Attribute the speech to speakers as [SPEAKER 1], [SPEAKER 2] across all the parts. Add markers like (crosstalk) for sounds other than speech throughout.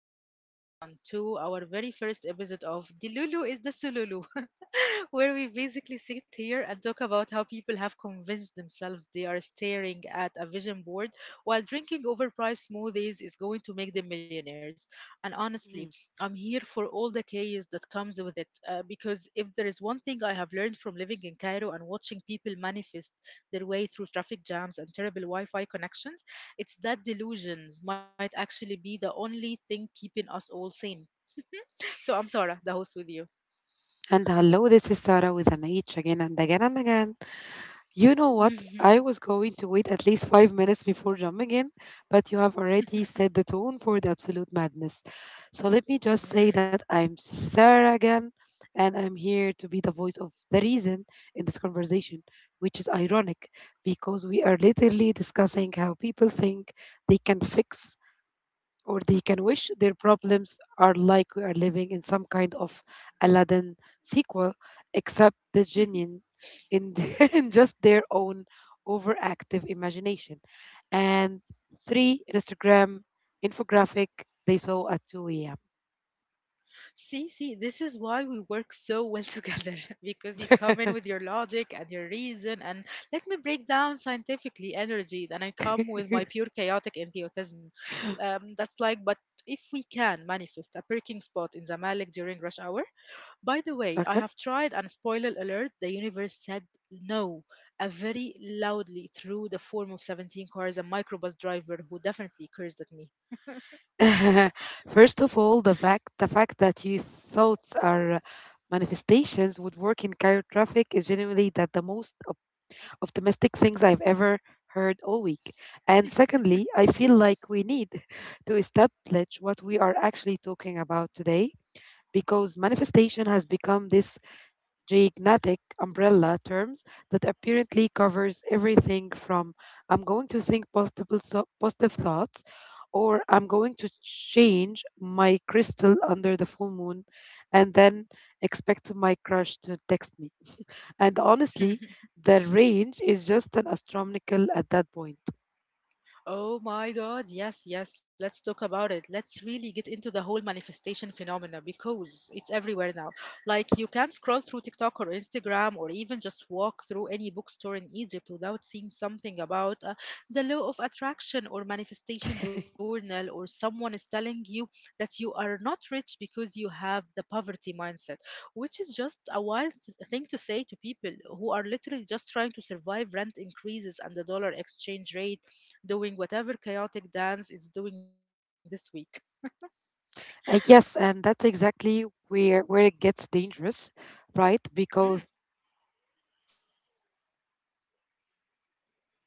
[SPEAKER 1] and welcome everyone to our very first episode of The Lulu is the Sululu where we basically sit here and talk about how people have convinced themselves they are staring at a vision board while drinking overpriced smoothies is going to make them millionaires. And honestly,
[SPEAKER 2] Mhm.
[SPEAKER 1] I'm here for all the chaos that comes with it because if there is one thing I have learned from living in Cairo and watching people manifest their way through traffic jams and terrible Wi Fi connections, it's that delusions might actually be the only thing keeping us all sane. So I'm Sarah, the host with you.
[SPEAKER 2] And hello, this is Sarah with an H again and again and again. You know what? I was going to wait at least 5 minutes before jumping in, but you have already set the tone for the absolute madness. So let me just say that
[SPEAKER 1] (laughs)
[SPEAKER 2] I'm Sarah again, and I'm here to be the voice of the reason in this conversation, which is ironic because we are literally discussing how people think they can fix or they can wish their problems are like we are living in some kind of Aladdin sequel, except the genie in, (laughs) in just their own overactive imagination. And three, Instagram infographic they saw at 2 a.m.
[SPEAKER 1] See, this is why we work so well (laughs) together (laughs) because you come in with your logic and your reason, and let me break down scientifically energy, and I come
[SPEAKER 2] (laughs)
[SPEAKER 1] with my pure chaotic enthusiasm. But if we can manifest a parking spot in Zamalek during rush hour, by the way, I
[SPEAKER 2] Okay.
[SPEAKER 1] have tried, and spoiler alert, the universe said no. A very loudly through the form of 17 cars, a microbus driver who definitely cursed at me.
[SPEAKER 2] (laughs) First of all, the fact that your thoughts are manifestations would work in Cairo traffic is generally that the most optimistic things I've ever heard all week. And secondly, I feel like we need (laughs) to establish what we are actually talking about today because manifestation has become this gigantic umbrella terms that apparently covers everything from I'm going to think positive, positive thoughts or I'm going to change my crystal under the full moon and then expect my crush to text me and honestly, the range is just an astronomical at that point.
[SPEAKER 1] Oh my God, yes, yes, let's talk about it. Let's really get into the whole manifestation phenomena because it's everywhere now. Like, you can't scroll through TikTok or Instagram or even just walk through any bookstore in Egypt without seeing something about the law of attraction or manifestation journal, or someone is telling you that you are not rich because you have the poverty mindset, which is just a wild thing to say to people who are literally just trying to survive rent increases and the dollar exchange rate doing whatever chaotic dance it's doing this week.
[SPEAKER 2] Yes, and that's exactly where it gets dangerous, right?
[SPEAKER 1] Mm,
[SPEAKER 2] Because there is this whole layer of victim blaming.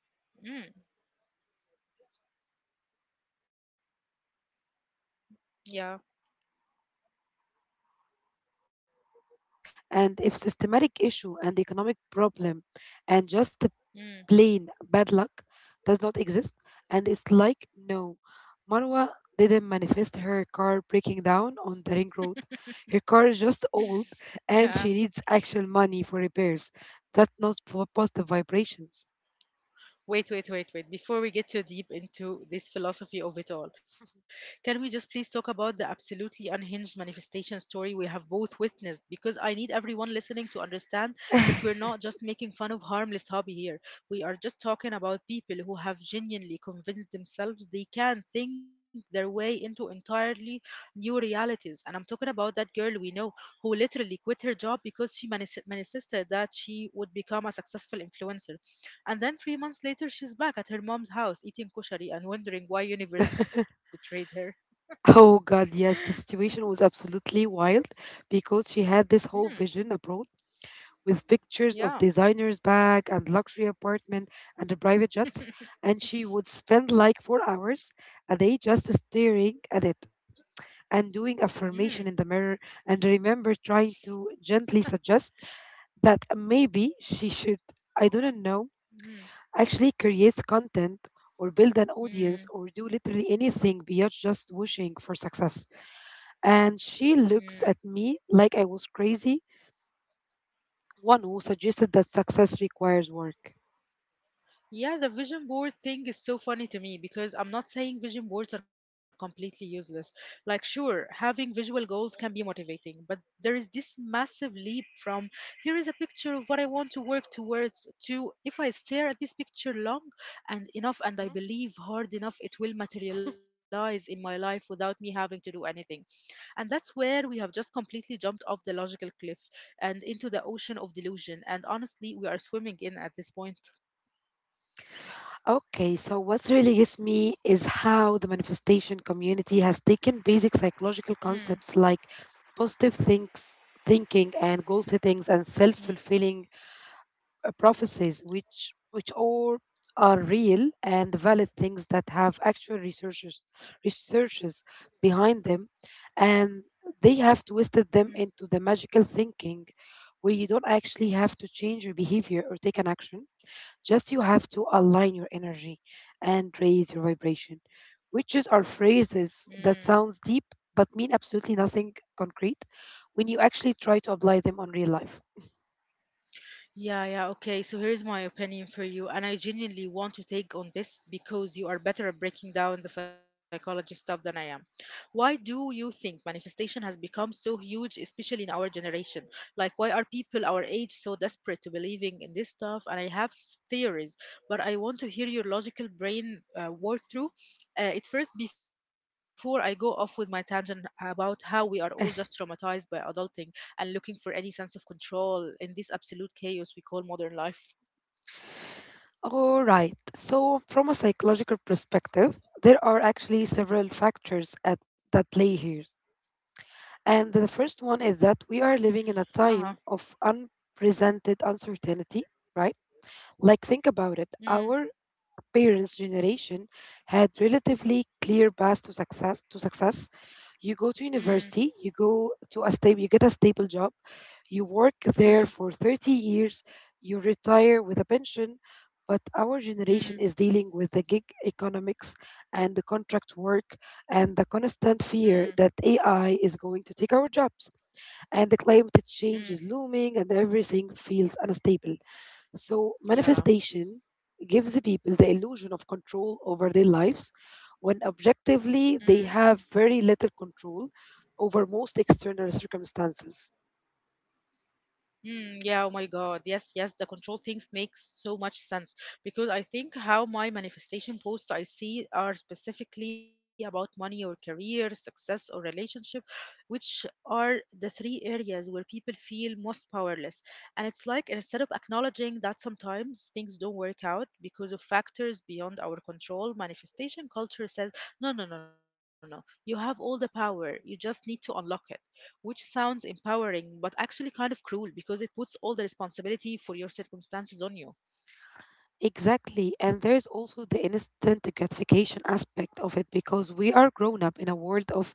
[SPEAKER 1] mm,
[SPEAKER 2] What comes with the manifestation culture, where people are literally look at someone
[SPEAKER 1] yeah.
[SPEAKER 2] struggling and be like, "Well, you manifested that negativity," and if systematic issue and economic problem, and just
[SPEAKER 1] Mm.
[SPEAKER 2] plain bad luck does not exist. And it's like, no, Marwa didn't manifest her car breaking down on the ring road. Her car is just
[SPEAKER 1] (laughs)
[SPEAKER 2] old and
[SPEAKER 1] Yeah.
[SPEAKER 2] she needs actual money for repairs. That's not for positive vibrations.
[SPEAKER 1] Wait, wait, wait, wait. Before we get too deep into this philosophy of it all, can we just please talk about the absolutely unhinged manifestation story we have both witnessed? Because I need everyone listening to understand that we're not just making fun of harmless hobby here. We are just talking about people who have genuinely convinced themselves they can think their way into entirely new realities. And I'm talking about that girl we know who literally quit her job because she manifested that she would become a successful influencer and then 3 months later, she's back at her mom's house eating kushari and wondering why universe betrayed
[SPEAKER 2] (laughs)
[SPEAKER 1] her.
[SPEAKER 2] Oh god, yes, the situation was absolutely wild because she had this whole
[SPEAKER 1] Mm,
[SPEAKER 2] vision abroad with pictures of
[SPEAKER 1] yeah.
[SPEAKER 2] designer's bag and luxury apartment and the private jets, and she would spend like 4 hours a day just staring at it and doing
[SPEAKER 1] Mm,
[SPEAKER 2] affirmation in the mirror and remember trying to gently suggest that maybe she should, I don't know,
[SPEAKER 1] mm,
[SPEAKER 2] actually create content or build an audience or
[SPEAKER 1] mm,
[SPEAKER 2] do literally anything beyond just wishing for success. And she
[SPEAKER 1] mm.
[SPEAKER 2] looks at me like I was crazy, one who suggested that success requires work.
[SPEAKER 1] Yeah, the vision board thing is so funny to me because I'm not saying vision boards are completely useless. Like, sure, having visual goals can be motivating, but there is this massive leap from here is a picture of what I want to work towards to if I stare at this picture long and enough and I believe hard enough, it will materialize in my life without me having to do anything. And that's where we have just completely jumped off the logical cliff and into the ocean of delusion. And honestly, we are swimming in at this point.
[SPEAKER 2] Okay, so what really gets me is how the manifestation community has taken basic
[SPEAKER 1] Hmm.
[SPEAKER 2] psychological concepts like positive thinks, thinking and goal
[SPEAKER 1] Mm,
[SPEAKER 2] settings and self-fulfilling prophecies, which all are real and valid things that have actual researchers behind them, and they have
[SPEAKER 1] mm,
[SPEAKER 2] twisted them into the magical thinking where you don't actually have to change your behavior or take an action just you have to align your energy and raise your vibration. Witches are
[SPEAKER 1] mm.
[SPEAKER 2] phrases that sounds deep but mean absolutely nothing concrete when you actually try to apply them on real life. (laughs)
[SPEAKER 1] Yeah, yeah, okay. So here's my opinion for you, and I genuinely want to take on this because you are better at breaking down the psychology stuff than I am. Why do you think manifestation has become so huge, especially in our generation? Like, why are people our age so desperate to believing in this stuff? And I have theories, but I want to hear your logical brain work through it first before I go off with my tangent about how we are all just traumatized by adulting and looking for any sense of control in this absolute chaos we call modern life.
[SPEAKER 2] All right. So, from a psychological perspective, there are actually several factors that play here. And the first
[SPEAKER 1] Uh
[SPEAKER 2] one is
[SPEAKER 1] huh.
[SPEAKER 2] that we are living in a time of unprecedented uncertainty, right? Like,
[SPEAKER 1] Mm,
[SPEAKER 2] think about it. Our parents' generation had relatively clear paths to success. You go
[SPEAKER 1] mm,
[SPEAKER 2] to university, you get a stable job, you work
[SPEAKER 1] mm,
[SPEAKER 2] there for 30 years, you retire with a pension. But our
[SPEAKER 1] mm,
[SPEAKER 2] generation is dealing with the gig economics and the contract work and the
[SPEAKER 1] mm,
[SPEAKER 2] constant fear that AI is going to take our jobs. And the climate
[SPEAKER 1] mm.
[SPEAKER 2] change is looming and everything feels unstable. So,
[SPEAKER 1] Yeah.
[SPEAKER 2] manifestation gives the people the illusion of control over their lives when objectively they have very little control over most external circumstances.
[SPEAKER 1] Mm, yeah, oh my God. Yes, yes, the control things makes so much sense because I think how my manifestation posts I see are specifically about money or career, success or relationship, which are the three areas where people feel most powerless. And it's like instead of acknowledging that sometimes things don't work out because of factors beyond our control, manifestation culture says, no, no, no, no. You have all the power. You just need to unlock it which sounds empowering but actually kind of cruel because it puts all the responsibility for your circumstances on you.
[SPEAKER 2] Exactly. And there's also the instant gratification aspect of it because we are grown up in a world of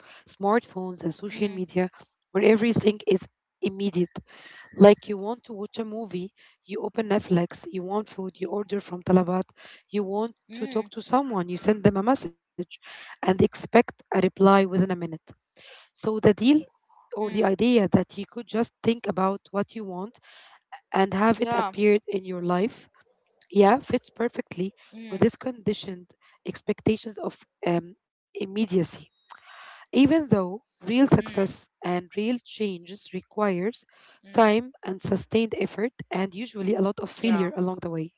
[SPEAKER 1] Mm,
[SPEAKER 2] smartphones and social media where everything is immediate. Like you want to watch a movie, you open Netflix, you want food, you order from Talabat, you want to talk
[SPEAKER 1] mm,
[SPEAKER 2] to someone, you send them a message and expect a reply within a minute. So the deal
[SPEAKER 1] mm,
[SPEAKER 2] or the idea that you could just think about what you want and have it
[SPEAKER 1] yeah,
[SPEAKER 2] appear in your life, yeah, fits perfectly
[SPEAKER 1] mm,
[SPEAKER 2] with this conditioned expectations of um, immediacy. Even though
[SPEAKER 1] mm,
[SPEAKER 2] real success and real changes requires
[SPEAKER 1] mm,
[SPEAKER 2] time and sustained effort and usually a lot of
[SPEAKER 1] yeah.
[SPEAKER 2] failure along the way.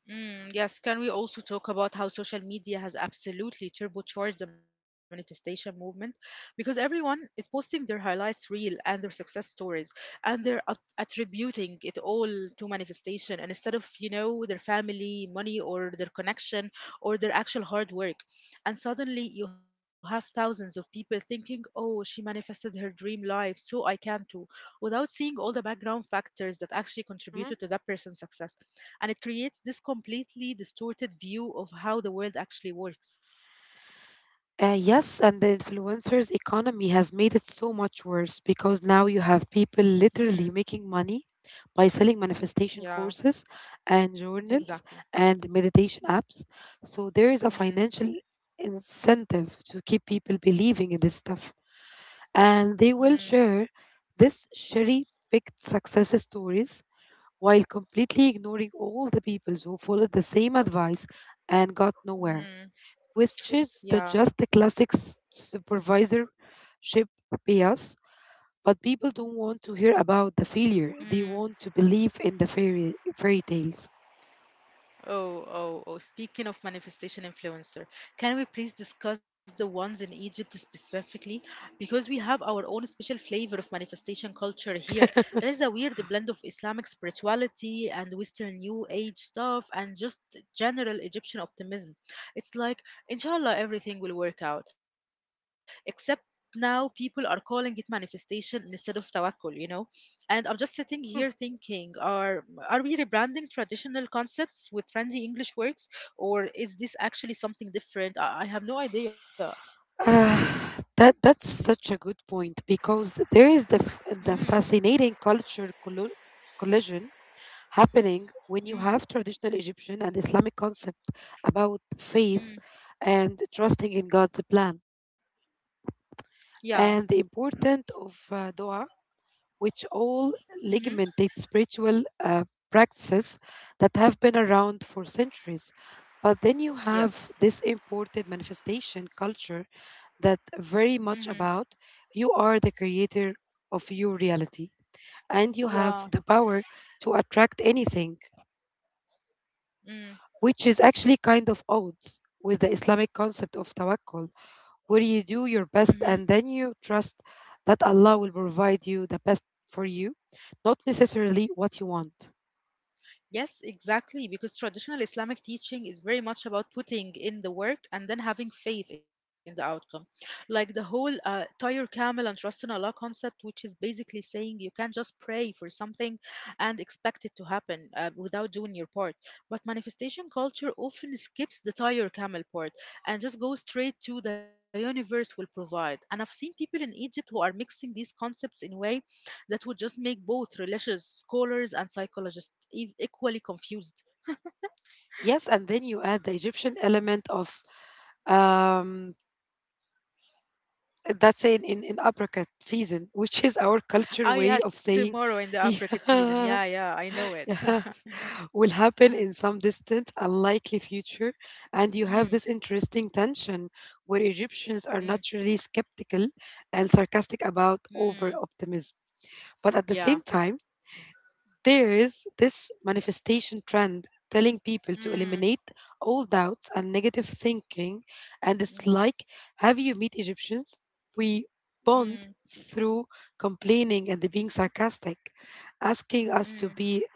[SPEAKER 1] Mm, yes, can we also talk about how social media has absolutely turbocharged the manifestation movement? Because everyone is posting their highlights reel and their success stories, and they're attributing it all to manifestation and instead of, their family, money, or their connection, or their actual hard work. And suddenly you have thousands of people thinking, oh, she manifested her dream life, so I can too, without seeing all the background factors that actually contributed to
[SPEAKER 2] Mm-hmm.
[SPEAKER 1] that person's success and it creates this completely distorted view of how the world actually works.
[SPEAKER 2] Yes, and the influencers economy has made it so much worse because now you have
[SPEAKER 1] Mm,
[SPEAKER 2] people literally making money by selling
[SPEAKER 1] yeah,
[SPEAKER 2] manifestation courses and
[SPEAKER 1] exactly.
[SPEAKER 2] journals and meditation apps. So there is a
[SPEAKER 1] Mm,
[SPEAKER 2] financial incentive to keep people believing in this stuff. And
[SPEAKER 1] mm,
[SPEAKER 2] they will share this cherry picked success stories while completely ignoring all the people who followed the same advice and got nowhere,
[SPEAKER 1] mm,
[SPEAKER 2] which is the
[SPEAKER 1] yeah.
[SPEAKER 2] just the classic supervisorship bias. But people don't want to hear about the failure.
[SPEAKER 1] Mm.
[SPEAKER 2] They want to believe in the fairy tales.
[SPEAKER 1] Oh, oh, oh. Speaking of manifestation influencer, can we please discuss the ones in Egypt specifically? Because we have our own special flavor of manifestation culture here. There is a
[SPEAKER 2] (laughs)
[SPEAKER 1] weird blend of Islamic spirituality and Western New Age stuff and just general Egyptian optimism. It's like, inshallah, everything will work out. Except now people are calling it manifestation instead of tawakkul, you know? And I'm just sitting here thinking, are we rebranding traditional concepts with trendy English words, or is this actually something different? I have no idea.
[SPEAKER 2] Uh, that's such a good point because there is the
[SPEAKER 1] Mm,
[SPEAKER 2] the fascinating culture collo collision happening
[SPEAKER 1] mm,
[SPEAKER 2] when you have traditional Egyptian and Islamic concept about
[SPEAKER 1] mm.
[SPEAKER 2] faith and trusting in God's plan,
[SPEAKER 1] Yeah.
[SPEAKER 2] and the importance of dua, which all
[SPEAKER 1] Mm-hmm.
[SPEAKER 2] legitimate spiritual practices that have been around for centuries. But then you
[SPEAKER 1] Yes.
[SPEAKER 2] have this imported manifestation culture that
[SPEAKER 1] Mm-hmm.
[SPEAKER 2] very much about you are the creator of your reality and you
[SPEAKER 1] Yeah.
[SPEAKER 2] have the power to attract anything,
[SPEAKER 1] Mm,
[SPEAKER 2] which is actually kind of odds with the Islamic concept of tawakkul where you
[SPEAKER 1] hmm.
[SPEAKER 2] do your best and then you trust that Allah will provide you the best for you, not necessarily what you want.
[SPEAKER 1] Yes, exactly, because traditional Islamic teaching is very much about putting in the work and then having faith in the outcome. Like the whole tire camel and trust in Allah concept, which is basically saying you can't just pray for something and expect it to happen without doing your part. But manifestation culture often skips the tire camel part and just goes straight to the universe will provide. And I've seen people in Egypt who are mixing these concepts in ways that would just make both religious scholars and psychologists equally confused.
[SPEAKER 2] Yes, and then you add the Egyptian element of um, that's in apricot season, which is our
[SPEAKER 1] Ah,
[SPEAKER 2] culture
[SPEAKER 1] yeah,
[SPEAKER 2] way of saying,
[SPEAKER 1] tomorrow in
[SPEAKER 2] (laughs)
[SPEAKER 1] the apricot season.
[SPEAKER 2] yeah.
[SPEAKER 1] Yeah, yeah, I know it. (laughs)
[SPEAKER 2] Yes, (laughs) will happen
[SPEAKER 1] Mm,
[SPEAKER 2] in some distant, unlikely future, and you have
[SPEAKER 1] mm,
[SPEAKER 2] this interesting tension where
[SPEAKER 1] mm,
[SPEAKER 2] Egyptians are naturally skeptical and sarcastic about
[SPEAKER 1] mm,
[SPEAKER 2] over optimism. But at the
[SPEAKER 1] yeah.
[SPEAKER 2] same time, there is this manifestation trend telling people to
[SPEAKER 1] Mm,
[SPEAKER 2] eliminate all doubts and negative thinking. And it's
[SPEAKER 1] mm,
[SPEAKER 2] like, have you met Egyptians? We
[SPEAKER 1] mm,
[SPEAKER 2] bond through complaining and being sarcastic. Asking us
[SPEAKER 1] mm.
[SPEAKER 2] to be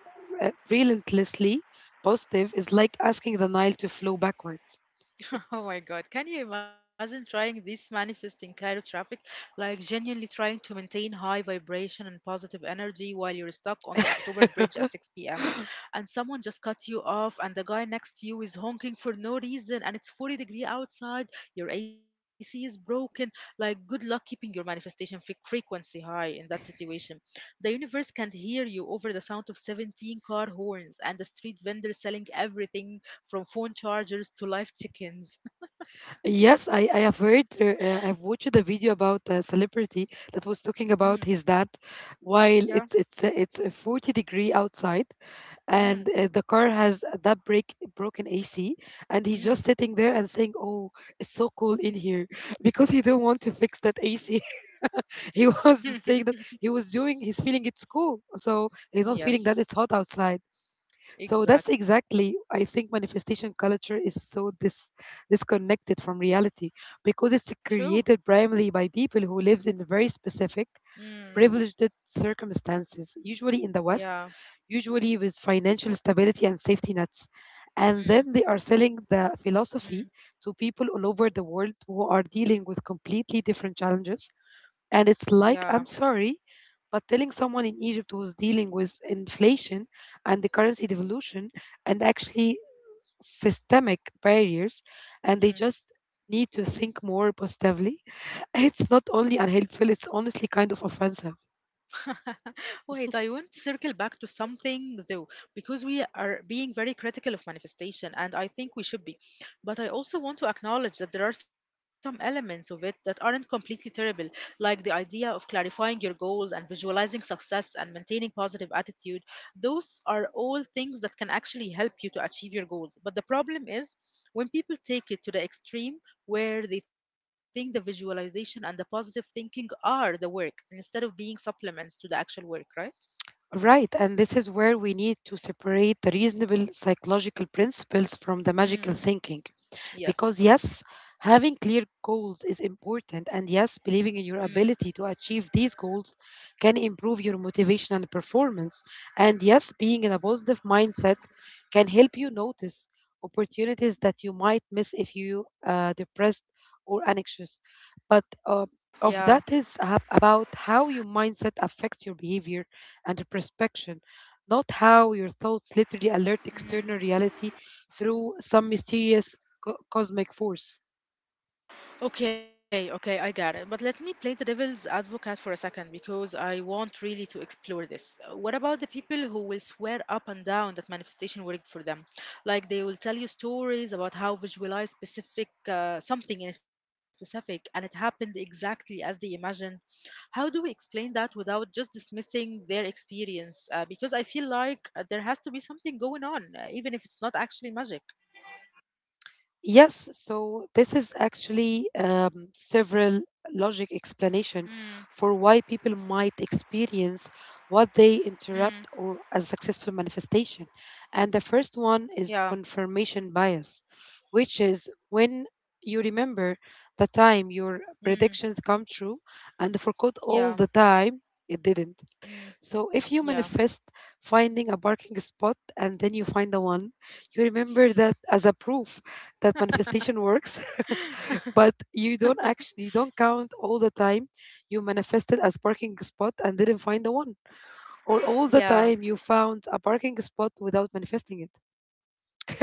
[SPEAKER 2] relentlessly positive is like asking the Nile to flow backwards.
[SPEAKER 1] (laughs) Oh my God, can you imagine trying this manifest in Cairo traffic? Like genuinely trying to maintain high vibration and positive energy while you're stuck on the October Bridge at
[SPEAKER 2] (laughs)
[SPEAKER 1] 6 p.m. And someone just cut you off, and the guy next to you is honking for no reason, and it's 40-degree outside, your AC is broken. Like, good luck keeping your manifestation frequency high in that situation. The universe can't hear you over the sound of 17 car horns and the street vendor selling everything from phone chargers to live chickens. (laughs)
[SPEAKER 2] Yes, I have heard, I've watched a video about a celebrity that was talking
[SPEAKER 1] Mm,
[SPEAKER 2] about his dad while
[SPEAKER 1] yeah.
[SPEAKER 2] it's a 40-degree outside
[SPEAKER 1] Mm,
[SPEAKER 2] and the car has that break broken AC and he's
[SPEAKER 1] mm.
[SPEAKER 2] just sitting there and saying, "Oh, it's so cold in here" (laughs) because he didn't want to fix that AC. (laughs) He was
[SPEAKER 1] (laughs)
[SPEAKER 2] saying that he was doing he's feeling it's cool, so he's not
[SPEAKER 1] Yes,
[SPEAKER 2] feeling that it's hot outside. So that's
[SPEAKER 1] exactly.
[SPEAKER 2] exactly I think manifestation culture is so disconnected from reality because
[SPEAKER 1] True.
[SPEAKER 2] it's created primarily by people who lives in very specific
[SPEAKER 1] Mm,
[SPEAKER 2] privileged circumstances, usually in the West,
[SPEAKER 1] yeah.
[SPEAKER 2] usually with financial stability and safety nets. And
[SPEAKER 1] Mm,
[SPEAKER 2] then they are selling the philosophy
[SPEAKER 1] mm,
[SPEAKER 2] to people all over the world who are dealing with completely different challenges and it's
[SPEAKER 1] yeah.
[SPEAKER 2] like, I'm sorry, but telling someone in Egypt who's dealing with inflation and the currency devaluation and actually systemic barriers, and they
[SPEAKER 1] Mm.
[SPEAKER 2] just need to think more positively, (laughs) it's not only unhelpful, it's honestly kind of offensive.
[SPEAKER 1] (laughs) Wait, I want to
[SPEAKER 2] (laughs)
[SPEAKER 1] circle back to something though, because we are being very critical of manifestation, and I think we should be. But I also want to acknowledge that there are some elements of it that aren't completely terrible, like the idea of clarifying your goals and visualizing success and maintaining positive attitude. Those are all things that can actually help you to achieve your goals. But the problem is when people take it to the extreme, where they think the visualization and the positive thinking are the work instead of being supplements to the actual work, right?
[SPEAKER 2] Right, and this is where we need to separate the reasonable psychological principles from the magical
[SPEAKER 1] Mm.
[SPEAKER 2] thinking. Because,
[SPEAKER 1] Yes.
[SPEAKER 2] yes, having clear goals is important, and yes, believing in
[SPEAKER 1] Mm.
[SPEAKER 2] your ability to achieve these goals can improve your motivation and performance. And yes, being in a positive mindset can help you notice opportunities that you might miss if you depressed or anxious. But
[SPEAKER 1] Yeah.
[SPEAKER 2] of that is about how your mindset affects your behavior and introspection, not how your thoughts literally alert external reality through some mysterious cosmic force.
[SPEAKER 1] Okay, okay, I got it. But let me play the devil's advocate for a second because I want really to explore this. What about the people who will swear up and down that manifestation worked for them? Like they will tell you stories about how visualize specific something in specific and it happened exactly as they imagined. How do we explain that without just dismissing their experience? Because I feel like there has to be something going on, even if it's not actually magic.
[SPEAKER 2] Yes, so this is actually several logic
[SPEAKER 1] Mm,
[SPEAKER 2] explanation for why people might experience what they
[SPEAKER 1] mm,
[SPEAKER 2] interrupt or as successful manifestation. And the first one
[SPEAKER 1] yeah,
[SPEAKER 2] is confirmation bias, which is when you remember the time your
[SPEAKER 1] mm,
[SPEAKER 2] predictions come true and
[SPEAKER 1] yeah.
[SPEAKER 2] forgot all the time it didn't.
[SPEAKER 1] Mm.
[SPEAKER 2] So if you
[SPEAKER 1] Yeah.
[SPEAKER 2] manifest finding a parking spot and then you find the one, you remember that as a proof that manifestation works, (laughs) but
[SPEAKER 1] (laughs)
[SPEAKER 2] you don't count all the time you manifested as parking spot and didn't find the one, or all
[SPEAKER 1] Yeah.
[SPEAKER 2] the time you found a parking spot without manifesting it.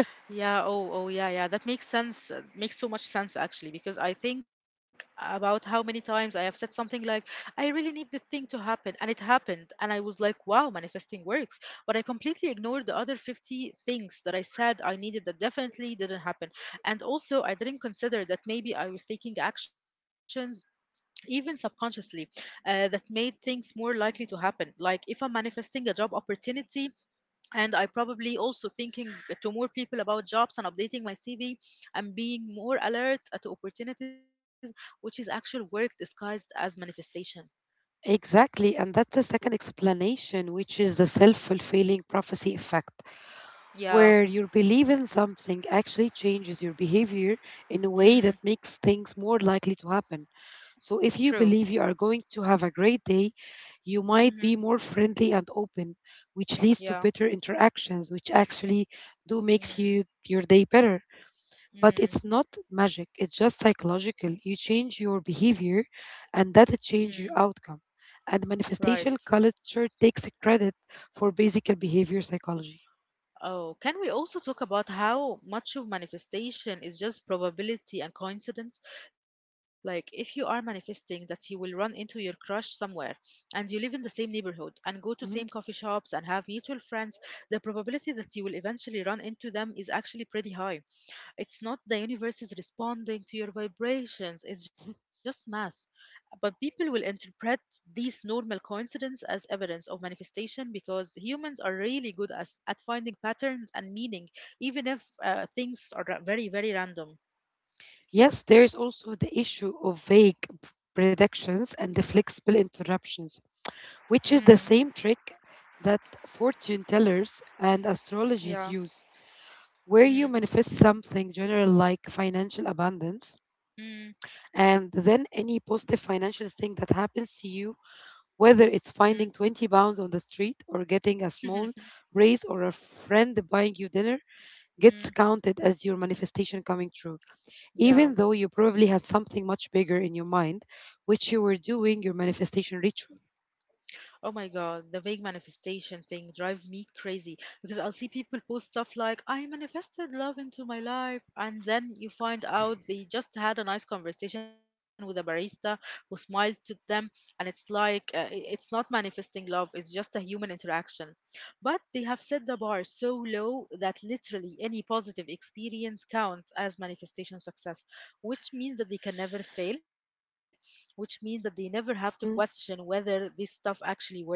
[SPEAKER 1] Yeah. Oh, oh, yeah, yeah. That makes sense. Makes so much sense actually, because I think about how many times I have said something like, I really need this thing to happen, and it happened. And I was like, wow, manifesting works. But I completely ignored the other 50 things that I said I needed that definitely didn't happen. And also, I didn't consider that maybe I was taking actions. Even subconsciously, that made things more likely to happen. Like if I'm manifesting a job opportunity, and I probably also thinking to more people about jobs and updating my CV and being more alert to opportunities which is actual work disguised as manifestation.
[SPEAKER 2] Exactly, and that's the second explanation, which is the self fulfilling prophecy effect,
[SPEAKER 1] Yeah.
[SPEAKER 2] where your belief in something actually changes your behavior in a way
[SPEAKER 1] Mm,
[SPEAKER 2] that makes things more likely to happen. So
[SPEAKER 1] true.
[SPEAKER 2] if you believe you are going to have a great day, you
[SPEAKER 1] Hmm.
[SPEAKER 2] might be more friendly and open, which leads to
[SPEAKER 1] Yeah.
[SPEAKER 2] better interactions, which actually do makes
[SPEAKER 1] Mm,
[SPEAKER 2] you your day better. But
[SPEAKER 1] mm,
[SPEAKER 2] it's not magic, it's just psychological. You change your
[SPEAKER 1] mm,
[SPEAKER 2] behavior and that
[SPEAKER 1] mm.
[SPEAKER 2] change your outcome. And
[SPEAKER 1] Right.
[SPEAKER 2] manifestation culture takes credit for basic behavior psychology.
[SPEAKER 1] Oh, can we also talk about how much of manifestation is just probability and coincidence? Like, if you are manifesting that you will run into your crush somewhere and you live in the same neighborhood and go to same coffee
[SPEAKER 2] Mm-hmm.
[SPEAKER 1] shops and have mutual friends, the probability that you will eventually run into them is actually pretty high. It's not the universe is responding to your vibrations, it's just math. But people will interpret these normal coincidences as evidence of manifestation because humans are really good at finding patterns and meaning, even if things are very, very random.
[SPEAKER 2] Yes, there is also the issue of vague predictions and the flexible interruptions,
[SPEAKER 1] Mm,
[SPEAKER 2] which is the same trick that fortune tellers and
[SPEAKER 1] yeah.
[SPEAKER 2] astrologies use,
[SPEAKER 1] Mm,
[SPEAKER 2] where you manifest something general like financial abundance,
[SPEAKER 1] mm,
[SPEAKER 2] and then any positive financial thing that happens to you, whether
[SPEAKER 1] mm,
[SPEAKER 2] it's finding 20 pounds on the street or getting a small raise or a friend buying you dinner,
[SPEAKER 1] (laughs)
[SPEAKER 2] gets
[SPEAKER 1] mm,
[SPEAKER 2] counted as your manifestation coming true, even
[SPEAKER 1] yeah.
[SPEAKER 2] though you probably had something much bigger in your mind, which you were doing your manifestation ritual.
[SPEAKER 1] Oh my God, the vague manifestation thing drives me crazy because I'll see people post stuff like, I manifested love into my life. And then you find out they just had a nice conversation with a barista who smiled to them. And it's like, it's not manifesting love, it's just a human interaction. But they have set the bar so low that literally any positive experience counts as manifestation success, which means that they can never fail which means that they never have to question whether this stuff actually works or not.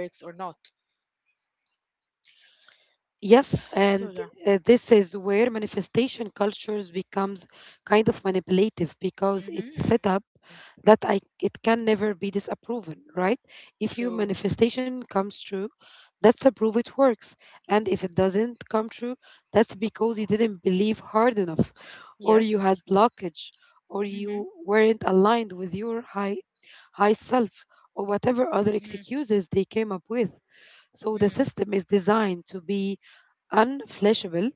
[SPEAKER 2] Yes,
[SPEAKER 1] So yeah.
[SPEAKER 2] and this is where manifestation cultures becomes kind of manipulative because it's
[SPEAKER 1] Mhm.
[SPEAKER 2] set up that I it can never be disapproven, right? If
[SPEAKER 1] True.
[SPEAKER 2] your manifestation comes true, that's a proof it works, and if it doesn't come true, that's because you didn't believe hard enough, or you had
[SPEAKER 1] Yes.
[SPEAKER 2] blockage, or
[SPEAKER 1] Mhm.
[SPEAKER 2] you weren't aligned with your high self, or whatever
[SPEAKER 1] Mm.
[SPEAKER 2] other excuses they came up with. So
[SPEAKER 1] Mm.
[SPEAKER 2] the system is designed to be unfleshable,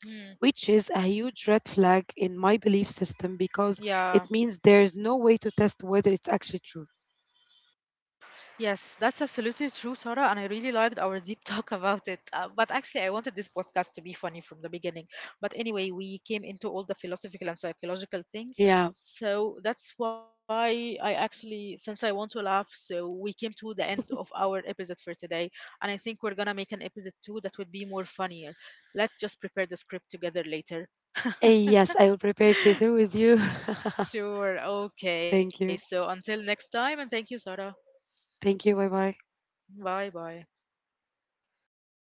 [SPEAKER 1] Mm.
[SPEAKER 2] which is a huge red flag in my belief system because
[SPEAKER 1] Yeah.
[SPEAKER 2] it means there's no way to test whether it's actually true.
[SPEAKER 1] Yes, that's absolutely true, Sarah, and I really liked our deep (laughs) talk about it. But actually, I wanted this podcast to be funny from the beginning. But anyway, we came into all the philosophical and psychological things.
[SPEAKER 2] Yeah.
[SPEAKER 1] So that's why I actually, since I want to laugh, so we came to the end of our episode for today. And I think we're going to make an episode too that would be more funnier. Let's just prepare the script together later.
[SPEAKER 2] Yes, I will prepare it later with you.
[SPEAKER 1] Sure,
[SPEAKER 2] (laughs)
[SPEAKER 1] okay.
[SPEAKER 2] Thank
[SPEAKER 1] So
[SPEAKER 2] you.
[SPEAKER 1] until next time, and thank you, Sarah.
[SPEAKER 2] Thank you. Bye bye.
[SPEAKER 1] Bye bye.